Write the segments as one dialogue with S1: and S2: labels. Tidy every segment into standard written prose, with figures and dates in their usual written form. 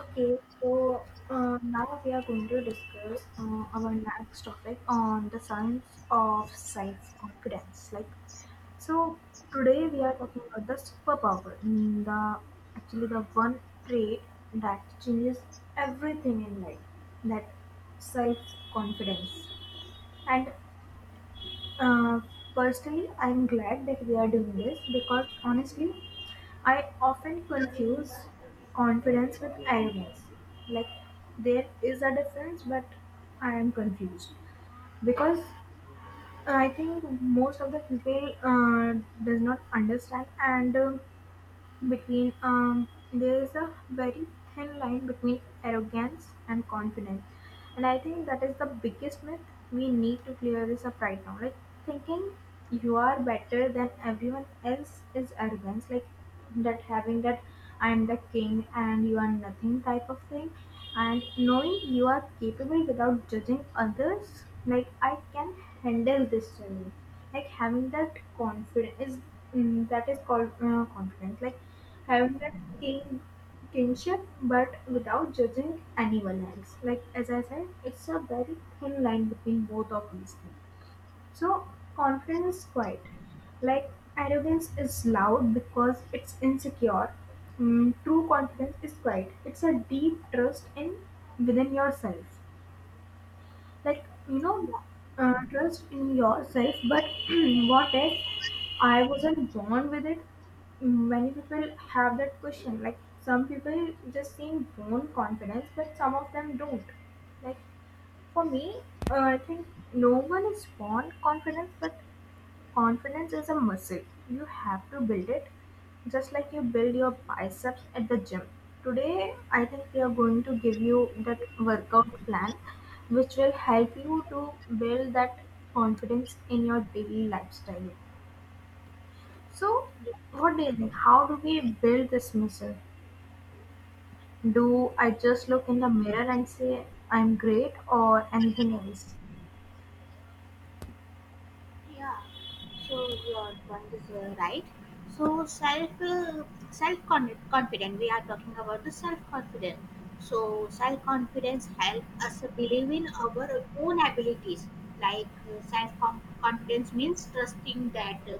S1: Okay, so Now we are going to discuss our next topic on the science of self-confidence. So today we are talking about the superpower, mm, the actually the one trait that changes everything in life, that self-confidence. And uh, firstly, I'm glad that we are doing this because honestly, I often confuse confidence with arrogance. Like, there is a difference, but I am confused because I think most of the people does not understand and between there is a very thin line between arrogance and confidence, and I think that is the biggest myth. We need to clear this up right now. Like, thinking you are better than everyone else is arrogance, like that having that I'm the king and you are nothing type of thing. And knowing you are capable without judging others, like I can handle this challenge, like having that confidence is, that is called confidence, like having that king kinship but without judging anyone else. Like as I said, it's a very thin line between both of these things. So confidence is quiet, like arrogance is loud because it's insecure. True confidence is quiet. It's a deep trust in within yourself, like you know, trust in yourself. But what if I wasn't born with it? Many people have that question. Like some people just seem born confidence, but some of them don't. Like for me, I think no one is born confident, but confidence is a muscle. You have to build it just like you build your biceps at the gym. Today, I think we are going to give you that workout plan which will help you to build that confidence in your daily lifestyle. So, what do you think? How do we build this muscle? Do I just look in the mirror and say I'm great or anything else?
S2: Yeah, so your point is right. So self confident. We are talking about the self confidence. So self confidence help us believe in our own abilities. Like self confidence means trusting that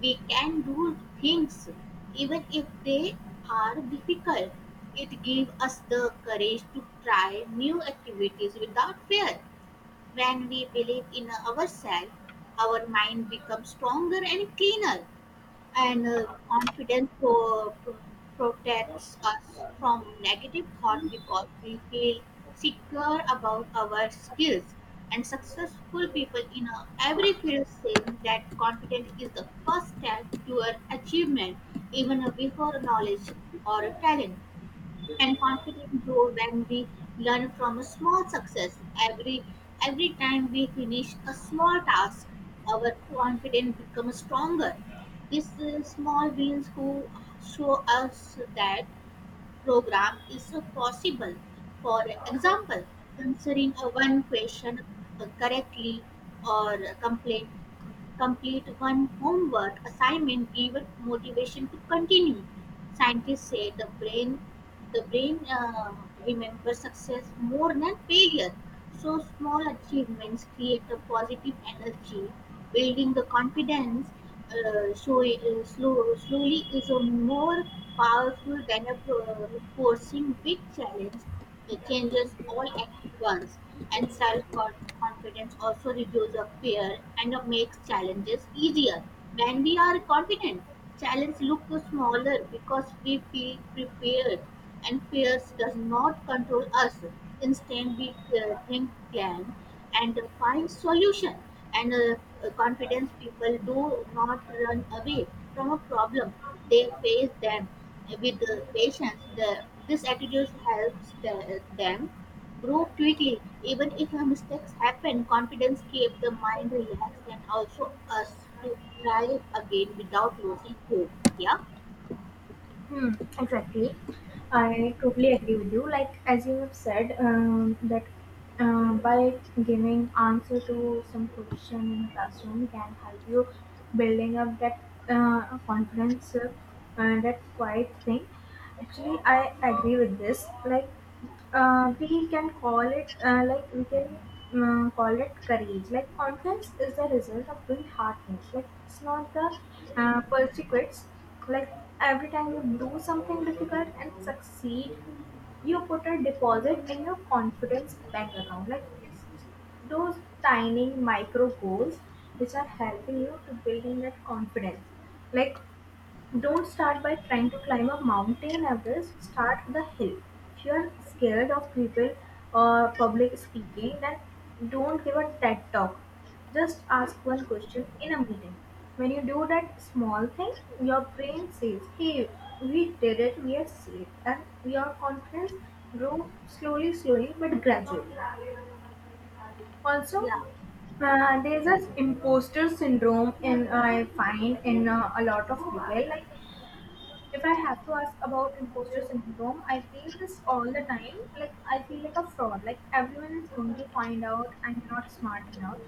S2: we can do things even if they are difficult. It gives us the courage to try new activities without fear when we believe in ourselves, our mind becomes stronger and cleaner, and confidence protects us from negative thought because we feel secure about our skills. And successful people in every field say that confidence is the first step toward achievement, even before knowledge or talent, and confidence grow when we learn from a small success. every every time we finish a small task, our confidence becomes stronger. These small wins who show us that program is possible. For example, answering a one question correctly, or complete complete one homework assignment, give it motivation to continue. Scientists say the brain remembers success more than failure. So small achievements create a positive energy, building the confidence. Slowly is a more powerful than a forcing big challenge, it changes all at once, and self-confidence also reduces our fear and makes challenges easier. When we are confident, challenges look smaller because we feel prepared, and fears does not control us. Instead, we think, plan, and find solution. And confidence people do not run away from a problem; they face them with the patients, this attitude helps them grow quickly. Even if mistakes happen, confidence keeps the mind relaxed and also us to try again without losing hope. Yeah,
S1: Hmm, exactly. I totally agree with you. Like as you have said, that by giving answer to some question in a classroom can help you building up that confidence, and that quiet thing. Actually, I agree with this. We can call it like we can call it courage. Like confidence is the result of doing hard things. Like it's not the persecutions. Like every time you do something difficult and succeed, you put a deposit in your confidence bank account. Like it's those tiny micro goals which are helping you to building that confidence. Like don't start by trying to climb a mountain Everest. Start with a hill. If you are scared of people or public speaking, then don't give a TED talk. Just ask one question in a meeting. When you do that small thing, your brain says, "Hey, we did it. We are safe," and your confidence grows slowly, slowly but gradually. Also,
S2: yeah,
S1: there's this imposter syndrome in I find in a lot of people. Like if I have to ask about imposter syndrome, I feel this all the time. Like I feel like a fraud. Like everyone is going to find out I'm not smart enough.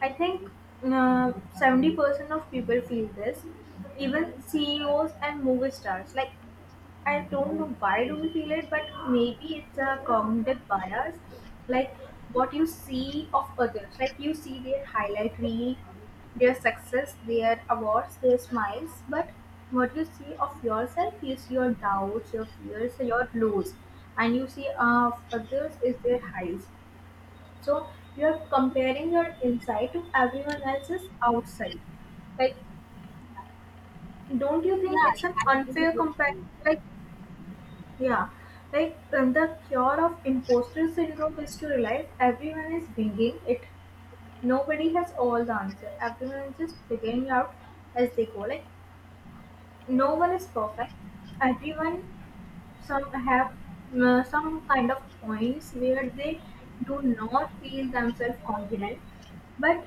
S1: I think uh, 70% of people feel this. Even CEOs and movie stars. Like I don't know why do we feel it, but maybe it's a cognitive bias, like what you see of others, like you see their highlight reel, their success, their awards, their smiles, but what you see of yourself is your doubts, your fears, your lows, and you see of others is their highs. So you are comparing your inside to everyone else's outside. Like, don't you
S2: yeah.
S1: think it's an
S2: I agree
S1: unfair
S2: with
S1: comparison?
S2: you.
S1: Like yeah, like the cure of imposter syndrome is to realize everyone is bringing it. Nobody has all the answer. Everyone is just figuring out as they go. Like no one is perfect. Everyone, some have some kind of points where they do not feel themselves confident, but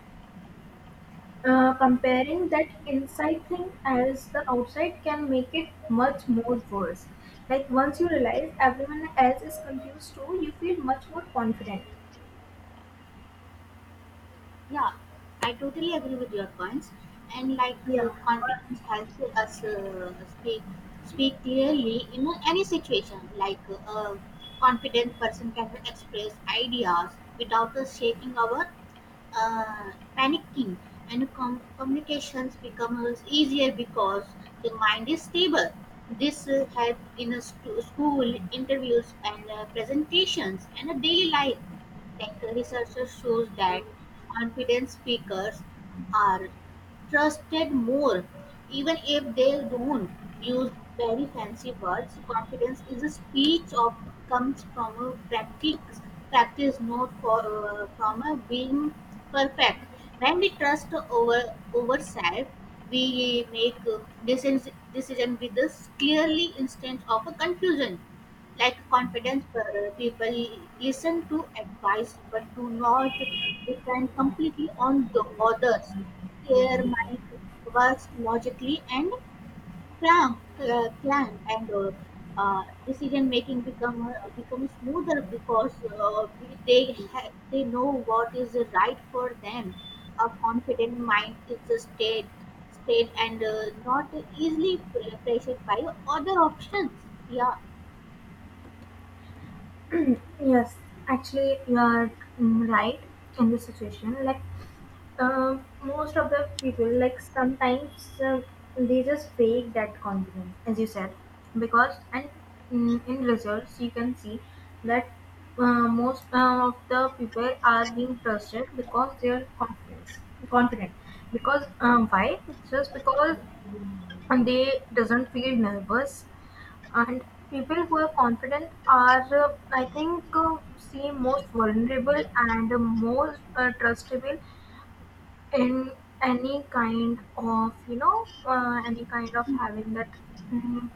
S1: comparing that inside thing as the outside can make it much more worse. Like once you realize everyone else is confused too, you feel much more confident.
S2: Yeah, I totally agree with your points. And like
S1: Yeah.
S2: confidence helps us speak speak clearly in any situation. Like a confident person can express ideas without us shaking our panicking, and communications becomes easier because the mind is stable. This help in a school interviews and presentations and a daily life. Tech researchers shows that confident speakers are trusted more. Even if they don't use very fancy words, confidence is a speech of comes from a practice not for, from a being perfect. When we trust over ourselves, we make decision with this clearly instead of a confusion. Like confident people listen to advice but do not depend completely on the others. Their mind works logically and calm, and decision making become smoother because they know what is right for them. A confident mind is a state, and not easily pressured by other options. Yeah,
S1: Yes. Actually, you are, right in this situation. Like Uh, most of the people, like sometimes they just fake that confidence as you said because, and in results you can see that most of the people are being trusted because they are confidence confident, because why? Just because they doesn't feel nervous. And people who are confident are, I think, seem most vulnerable and most trustable in any kind of, you know, any kind of having that, mm,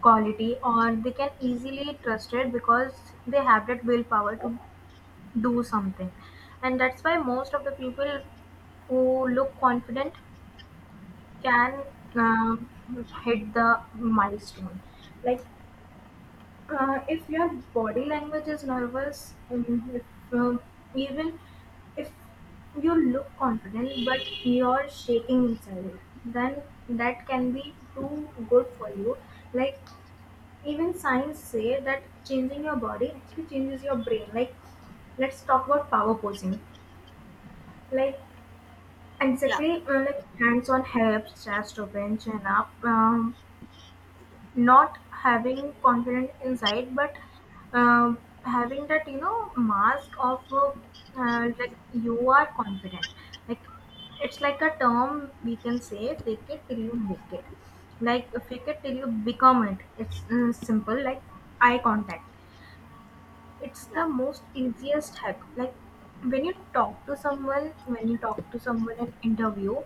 S1: quality or they can easily trust it because they have that willpower to do something. And that's why most of the people who look confident can, um hit the milestone. Like if your body language is nervous, if, uh, even if you look confident but you're shaking inside, then that can be too good for you. Like even science say that changing your body actually changes your brain. Like let's talk about power posing. Like
S2: yeah,
S1: exactly, like hands on hips, chest open, chin up. Not having confident inside but uh, having that, you know, mask of like you are confident. Like it's like a term we can say, fake it till you make it, like fake it till you become it. It's, simple. Like eye contact, it's the
S2: yeah.
S1: most easiest hack. Like when you talk to someone, in interview,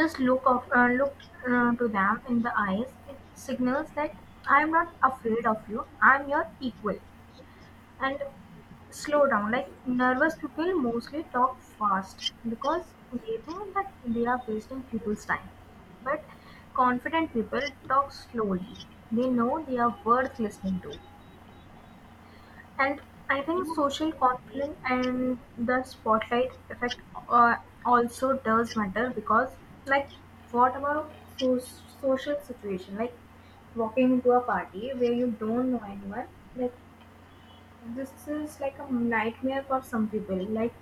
S1: just look to them in the eyes. It signals that I am not afraid of you. I am your equal. And slow down. Like nervous people mostly talk fast because they think that they are wasting people's time. But confident people talk slowly. They know they are worth listening to. And I
S2: Yeah.
S1: think social confidence and the spotlight effect uh, also does matter because, like, what about social situation? Like, walking into a party where you don't know anyone, like, this is like a nightmare for some people. Like,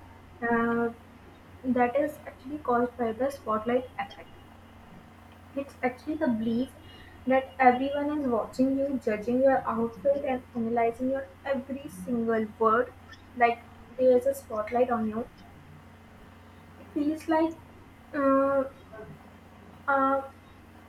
S1: uh, that is actually caused by the spotlight effect. It's actually the belief that everyone is watching you, judging your outfit, and analyzing your every single word. Like there's a spotlight on you. It feels like, uh, a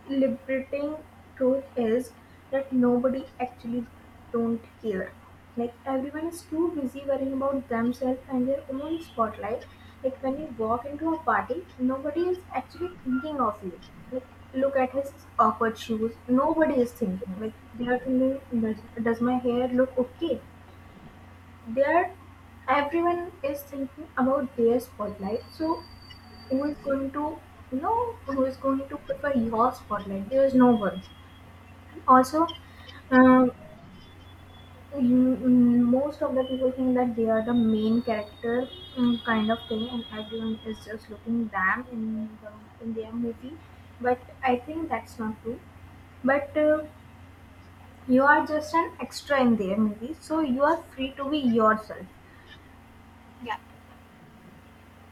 S1: liberating truth is that nobody actually don't care. Like everyone is too busy worrying about themselves and their own spotlight. Like when you walk into a party, nobody is actually thinking of you. Like, look at his awkward shoes. Nobody is thinking. Like they are thinking, does my hair look okay? They are Everyone is thinking about their spotlight, so who is going to, you know, who is going to prefer your spotlight? There is no one. Also, um, most of the people think that they are the main character, kind of thing, and everyone is just looking them in the in their movie. But I think that's not true. But you are just an extra in their movie, so you are free to be yourself.
S2: Yeah.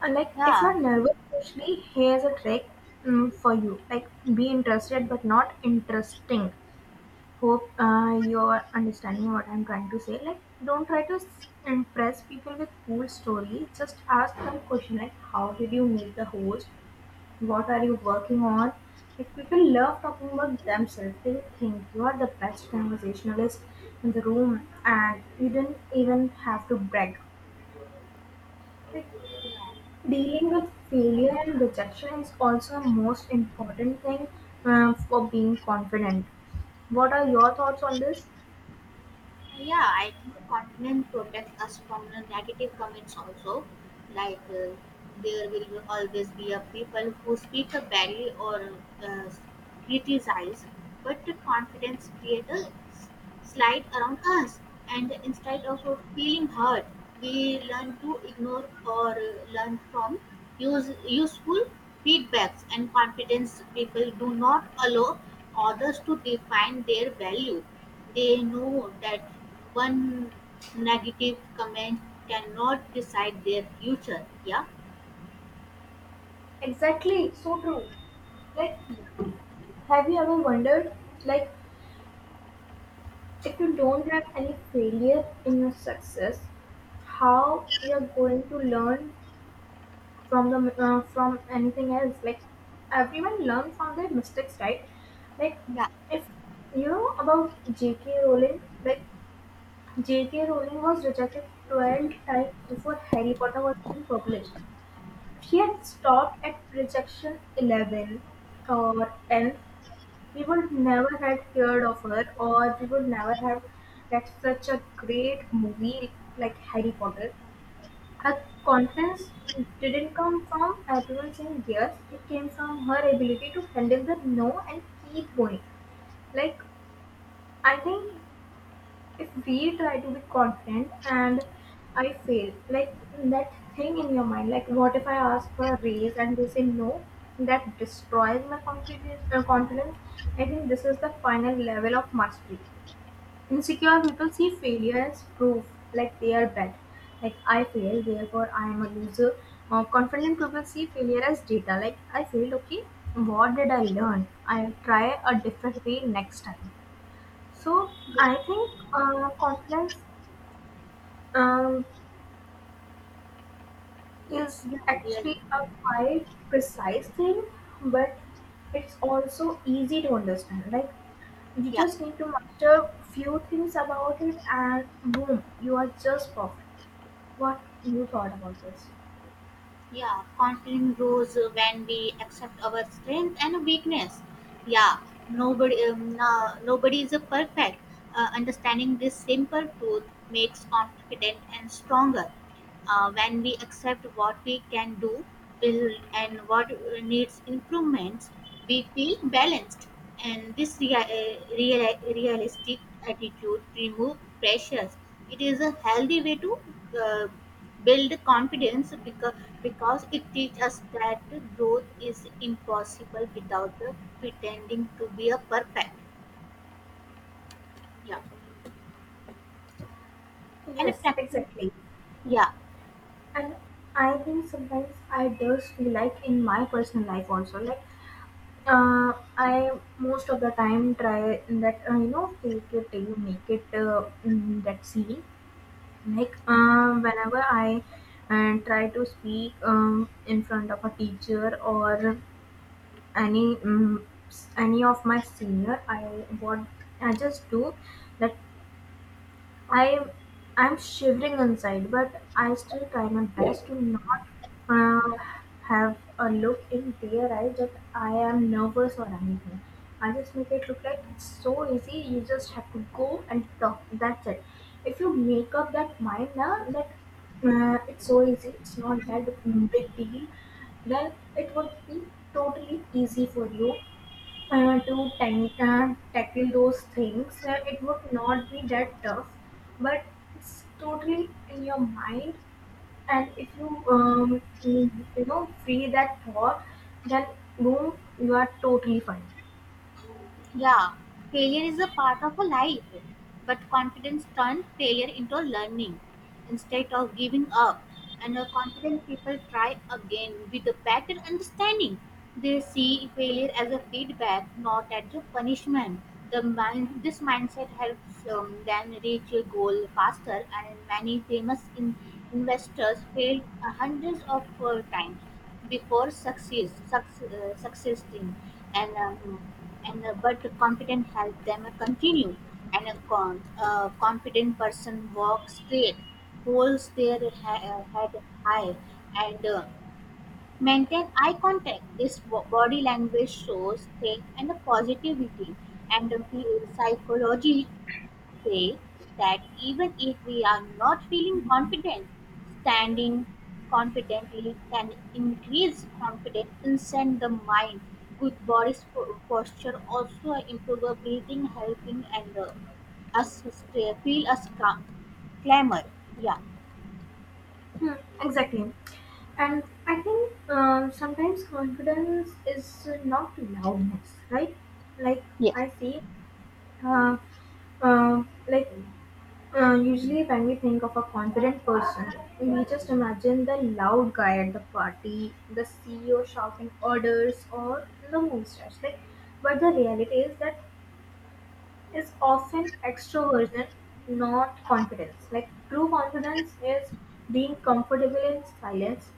S1: And like if
S2: Yeah.
S1: you're nervous, especially here's a trick for you: like be interested but not interesting. Hope you're understanding what I'm trying to say. Like, don't try to impress people with cool stories. Just ask them question like, how did you meet the host? What are you working on? Like, people love talking about themselves. They think you are the best conversationalist in the room, and you don't even have to brag. Like,
S2: Yeah.
S1: dealing with failure and rejection is also a most important thing for being confident. What are your thoughts on this?
S2: Yeah, I think content protects us from the negative comments also. Like there will always be a people who speak up badly or uh, criticize, but the confidence creates a slide around us, and instead of feeling hurt, we learn to ignore or learn from use useful feedbacks. And confidence people do not allow others to define their value. They know that one negative comment cannot decide their future. Yeah.
S1: Exactly, so true. Like, have you ever wondered, like, if you don't have any failure in your success, how you're going to learn from the from anything else? Like, everyone learn from their mistakes, right? Like,
S2: Yeah,
S1: if you know about J.K. Rowling, like J.K. Rowling was rejected 12 times before Harry Potter was even published. She had stopped at rejection 11 or 10. We would never had feared of her, or we would never have read such a great movie like Harry Potter. Her confidence didn't come from everyone saying yes, it came from her ability to handle the no and keep going. Like, I think if we try to be confident and I fail, like that thing in your mind, like what if I ask for a raise and they say no, that destroys my confidence. Confidence. I think this is the final level of mastery. Insecure people see failure as proof, like they are bad, like I failed, therefore I am a loser. Confident people see failure as data, like I failed, okay, what did I learn? I'll try a different way next time. So I think confidence um, is
S2: yeah, really.
S1: actually a quite precise thing, but it's also easy to understand. Like you
S2: Yeah.
S1: just need to master few things about it, and boom, you are just perfect. What you thought about this?
S2: Yeah, confidence grows when we accept our strength and weakness. Yeah, nobody, no, nobody is a perfect. Understanding this simple truth makes confident and stronger. When we accept what we can do, build, and what needs improvements, we feel balanced. And this realistic attitude remove pressures. It is a healthy way to uh, Build confidence because it teaches us that growth is impossible without pretending to be a perfect. Yeah. And
S1: Yes,
S2: practice.
S1: exactly.
S2: Yeah.
S1: And I think sometimes I just feel like in my personal life also, like. I most of the time try that you know fake it till you make it that scene. Like whenever I try to speak in front of a teacher or any any of my senior, I what I just do that I'm I'm shivering inside, but I still try my
S2: Yeah.
S1: best to not uh, have a look in their eyes that I am nervous or anything. I just make it look like it's so easy. You just have to go and talk. That's it. If you make up that mind now that it's so easy, it's not that big deal, then it would be totally easy for you to tackle those things. It would not be that tough, but it's totally in your mind. And if you you know free that thought, then boom, you are totally fine.
S2: Yeah, failure is a part of a life, but confidence turns failure into learning. Instead of giving up, and a confident people try again with a better understanding. They see failure as a feedback, not as a punishment. This mindset helps them reach a goal faster, and many famous investors failed hundreds of times before succeeding, and um, and But confident help them continue, and a confident person walks straight, holds their head high, and maintain eye contact. This body language shows strength and positivity, and the psychology say that even if we are not feeling confident, standing confidently can increase confidence inside the mind. Good body posture also improve our breathing, helping and us stay, feel us calm. Clamor. Yeah.
S1: Hmm, exactly. And I think sometimes confidence is not loudness, right? Like
S2: Yes.
S1: I see, uh, like Usually, when we think of a confident person, we just imagine the loud guy at the party, the CEO shouting orders, or the movie stars. Like, but the reality is that is often extroversion, not confidence. Like, true confidence is being comfortable in silence.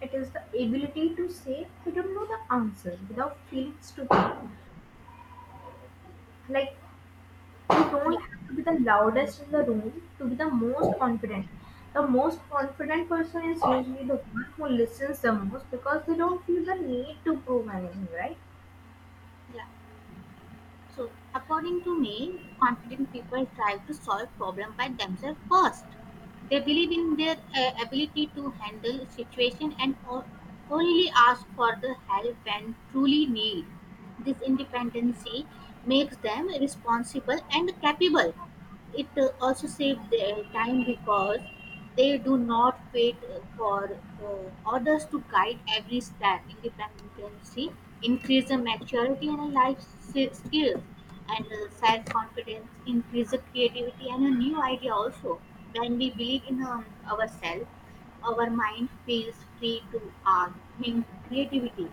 S1: It is the ability to say, "I don't know the answer," without feeling stupid. Like, you
S2: Yeah,
S1: don't have to be the loudest in the room to be the most confident. The most confident person is usually the one who listens the most because they don't feel the need to prove anything, right?
S2: yeah. So, according to me, confident people try to solve problem by themselves first. They believe in their ability to handle situation and only ask for the help when truly need. This independency makes them responsible and capable. It also saves their time because they do not wait for orders to guide every step. Independence increase the maturity and life skills, and self confidence increase the creativity and a new idea also. When we believe in ourselves, our mind feels free to act, think creativity,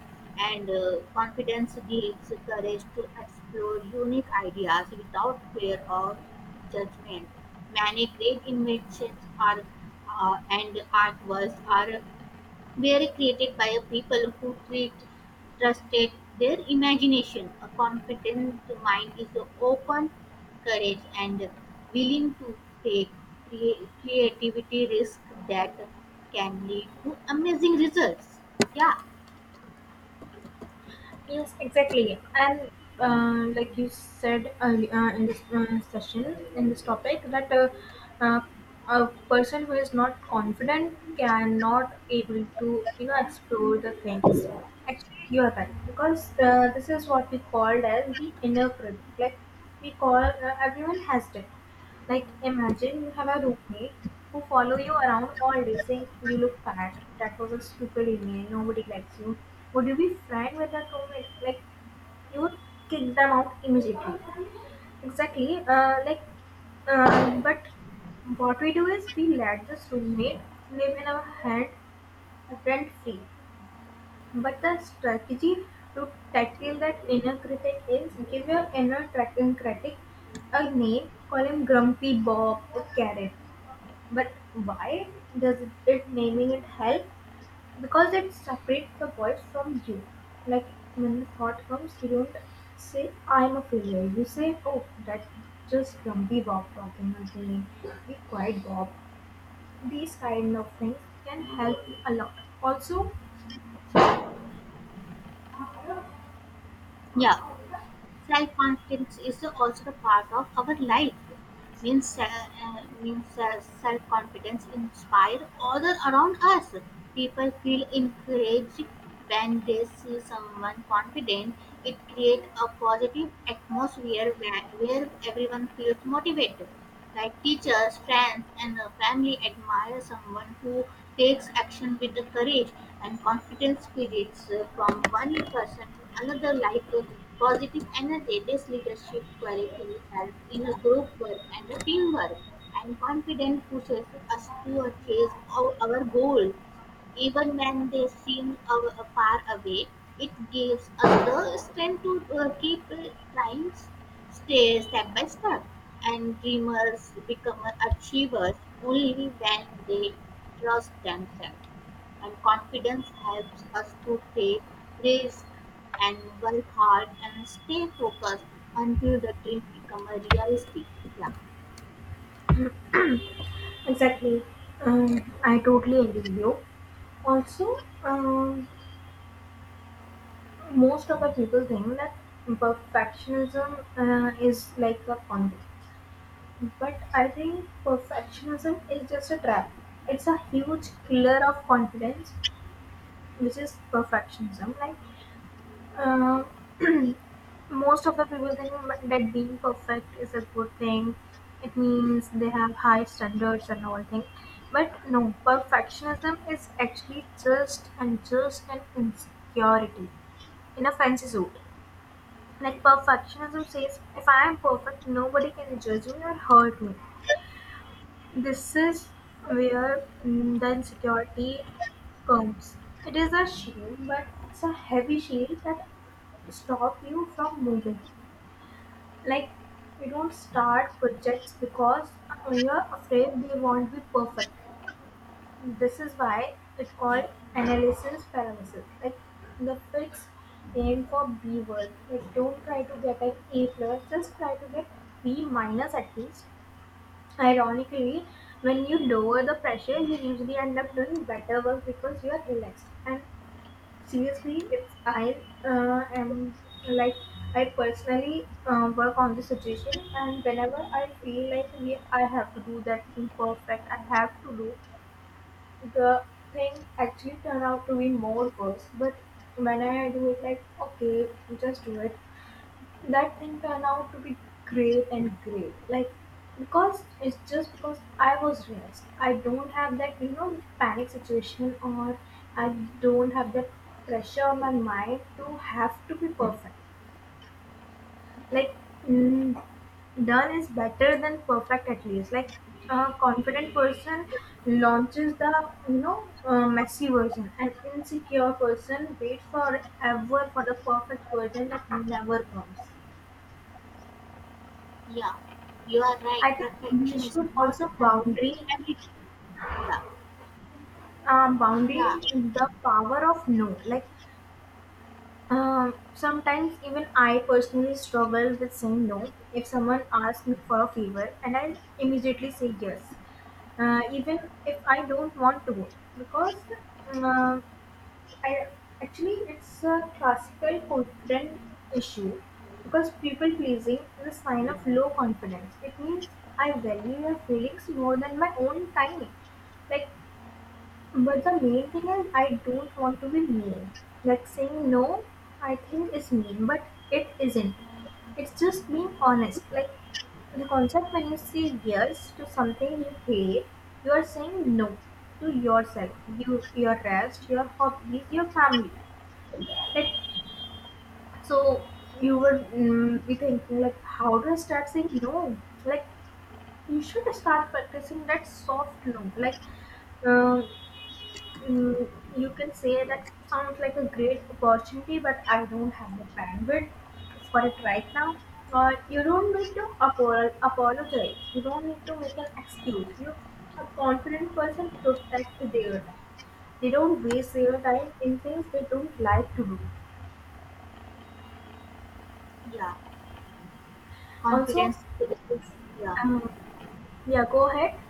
S2: and confidence gives courage to explore unique ideas without fear or judgment. Many great inventions are and artworks are were created by a people who trusted their imagination. A confident mind is open, courage, and willing to take creativity risk that can lead to amazing results. Yeah,
S1: Yes, exactly. And like you said earlier in this session, in this topic, that uh, a person who is not confident cannot able to you know explore the things. Actually, you are right because this is what we called as the inner critic. Like we call everyone has it, like imagine you have a roommate who follow you around all day saying you look fat, that was a stupid email, nobody likes you. Would you be friend with that roommate? Like you would kick them out immediately. Exactly. But what we do is we let this roommate live in our head rent free. But the strategy to tackle that inner critic is give your critic a name, call him Grumpy Bob or Carrot. But why does it naming it help? Because it separates the voice from you. Like when the thought comes, you don't say I'm a failure. You say, oh, that's just Grumpy Bob talking again. Be quiet, Bob. These kind of things can help a lot. Also,
S2: yeah. Self confidence is also the part of our life means self confidence inspire other around us. People feel encouraged when they see someone confident. It creates a positive atmosphere where everyone feels motivated, like teachers, friends, and the family admire someone who takes action with the courage, and confidence spirits from one person to another like a positive energy. This leadership quality will help in a group work and a teamwork, and confidence pushes us to achieve our goal. Even when they seem far away, it gives us the strength to keep trying stay step by step. And dreamers become achievers only when they trust themselves. And confidence helps us to take risks and work hard and stay focused until the dream becomes a reality. Yeah,
S1: exactly. I totally agree with you. Also, most of the people think that perfectionism is like a confidence. But I think perfectionism is just a trap. It's a huge killer of confidence, which is perfectionism. Uh, Most of the people think that being perfect is a good thing. It means they have high standards and all things. But no, perfectionism is actually just and just an insecurity in a fancy suit. Like perfectionism says, if I am perfect, nobody can judge me or hurt me. This is where the insecurity comes. It is a shield, but it's a heavy shield that stop you from moving. Like, you don't start projects because you are afraid they won't be perfect. This is why it called analysis paralysis. Like, the fix aim for B word. Like, don't try to get an A plus, just try to get B minus at least. Ironically, when you lower the pressure, you usually end up doing better work because you are relaxed. And seriously if I am like I personally work on the situation and whenever I feel like yeah, I have to do that thing perfect I have to do the thing actually turn out to be more worse but when I do it like okay just do it that thing turned out to be great and great like because it's just because I was relaxed I don't have that you know panic situation or I don't have that pressure on my mind to have to be perfect like mm, done is better than perfect at least like a confident person launches the you know messy version an insecure person waits forever for the perfect version that never comes.
S2: yeah, you are right.
S1: I think we
S2: Perfection is
S1: should
S2: not
S1: also boundary
S2: necessary every time. Yeah, yeah.
S1: boundary the power of no. Like sometimes even I personally struggle with saying no. If someone asks me for a favor, and I immediately say yes, even if I don't want to, because uh, I, actually, it's a classical confidence issue because people pleasing is a sign of low confidence. It means I value your feelings more than my own time. Like, but the main thing is I don't want to be mean. Like saying no, I think is mean, but it isn't. It's just being honest. Like the concept when you say yes to something you hate, you are saying no to yourself, you, your rest, your hobbies, your family. Like, so you would be thinking, like, how do I start saying no? Like, you should start practicing that soft no. Um, mm, you can say that sounds like a great opportunity, but I don't have the bandwidth for it right now. Or you don't need to apologize. You don't need to make an excuse. You, a confident person, protect their time. They don't waste their time in things they don't like to do.
S2: Yeah,
S1: Also,
S2: confidence. Yeah,
S1: um, yeah, go ahead.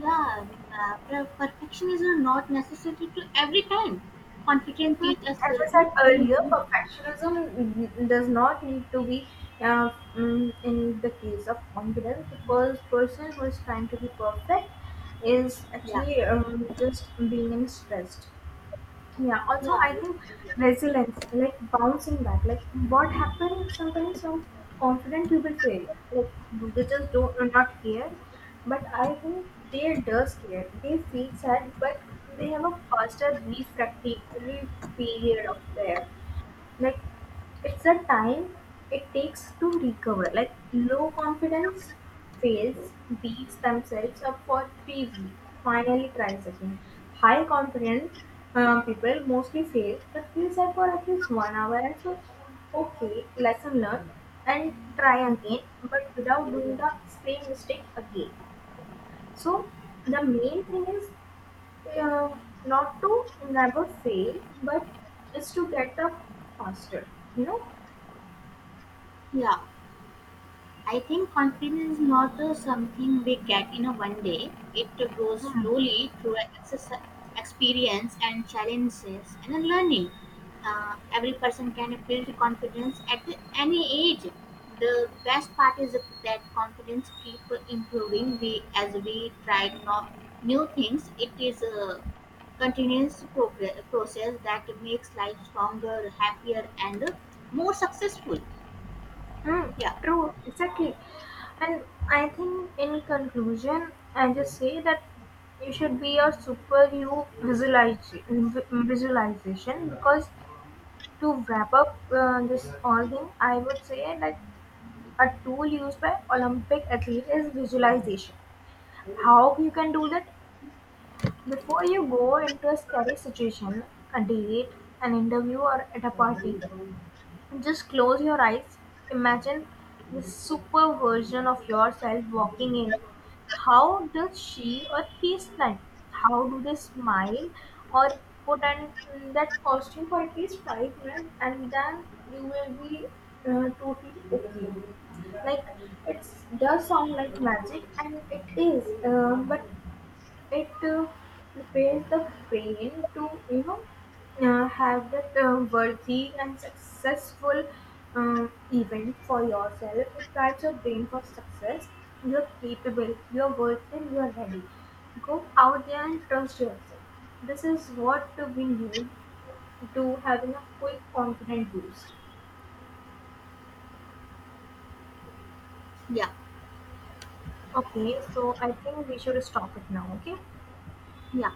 S2: yeah, I mean, perfection is not necessary to every time, confidence
S1: Hmm,
S2: teach us
S1: as I
S2: to
S1: said
S2: play
S1: earlier,
S2: more.
S1: perfectionism does not need to be uh, in the case of confidence because person who is trying to be perfect is
S2: Yeah.
S1: actually just being in stressed. Yeah, also
S2: Yeah,
S1: I think resilience, like bouncing back, like what happens sometimes some confident people fail. Like they just don't are not care. But I think they does care. They feel sad, but they have a faster period of there like it's the time it takes to recover like low confidence fails beats themselves up for 3 weeks finally tries again high confident people mostly fail but feel sad for at least 1 hour and so okay lesson learned and try again but without doing the same mistake again so the main thing is yeah, not to never fail, but just to get up faster, you know?
S2: yeah, I think confidence is not something we get in a one day. It grows
S1: Hmm.
S2: slowly through a exercise, experience and challenges and then learning. Every person can build confidence at any age. The best part is that confidence keep improving. We as we try no, new things, it is a continuous process that makes life stronger, happier, and more successful.
S1: Hmm,
S2: Yeah,
S1: true, exactly. And I think in conclusion, I just say that you should be a super you visualization because to wrap up this all thing, I would say like a tool used by Olympic athlete is visualization. How you can do that? Before you go into a scary situation, a date, an interview, or at a party, just close your eyes. Imagine the super version of yourself walking in. How does she or he smile? How do they smile or put on that costume for at least 5 minutes and then you will be totally okay. Like it does sound like magic and it is, but it prepares the brain to you know have that worthy and successful event for yourself. It primes your brain for success. You're capable. You're worthy. And you're ready. Go out there and trust yourself. This is what we need to having a quick confident boost.
S2: yeah,
S1: Okay, so I think we should stop it now. Okay.
S2: yeah.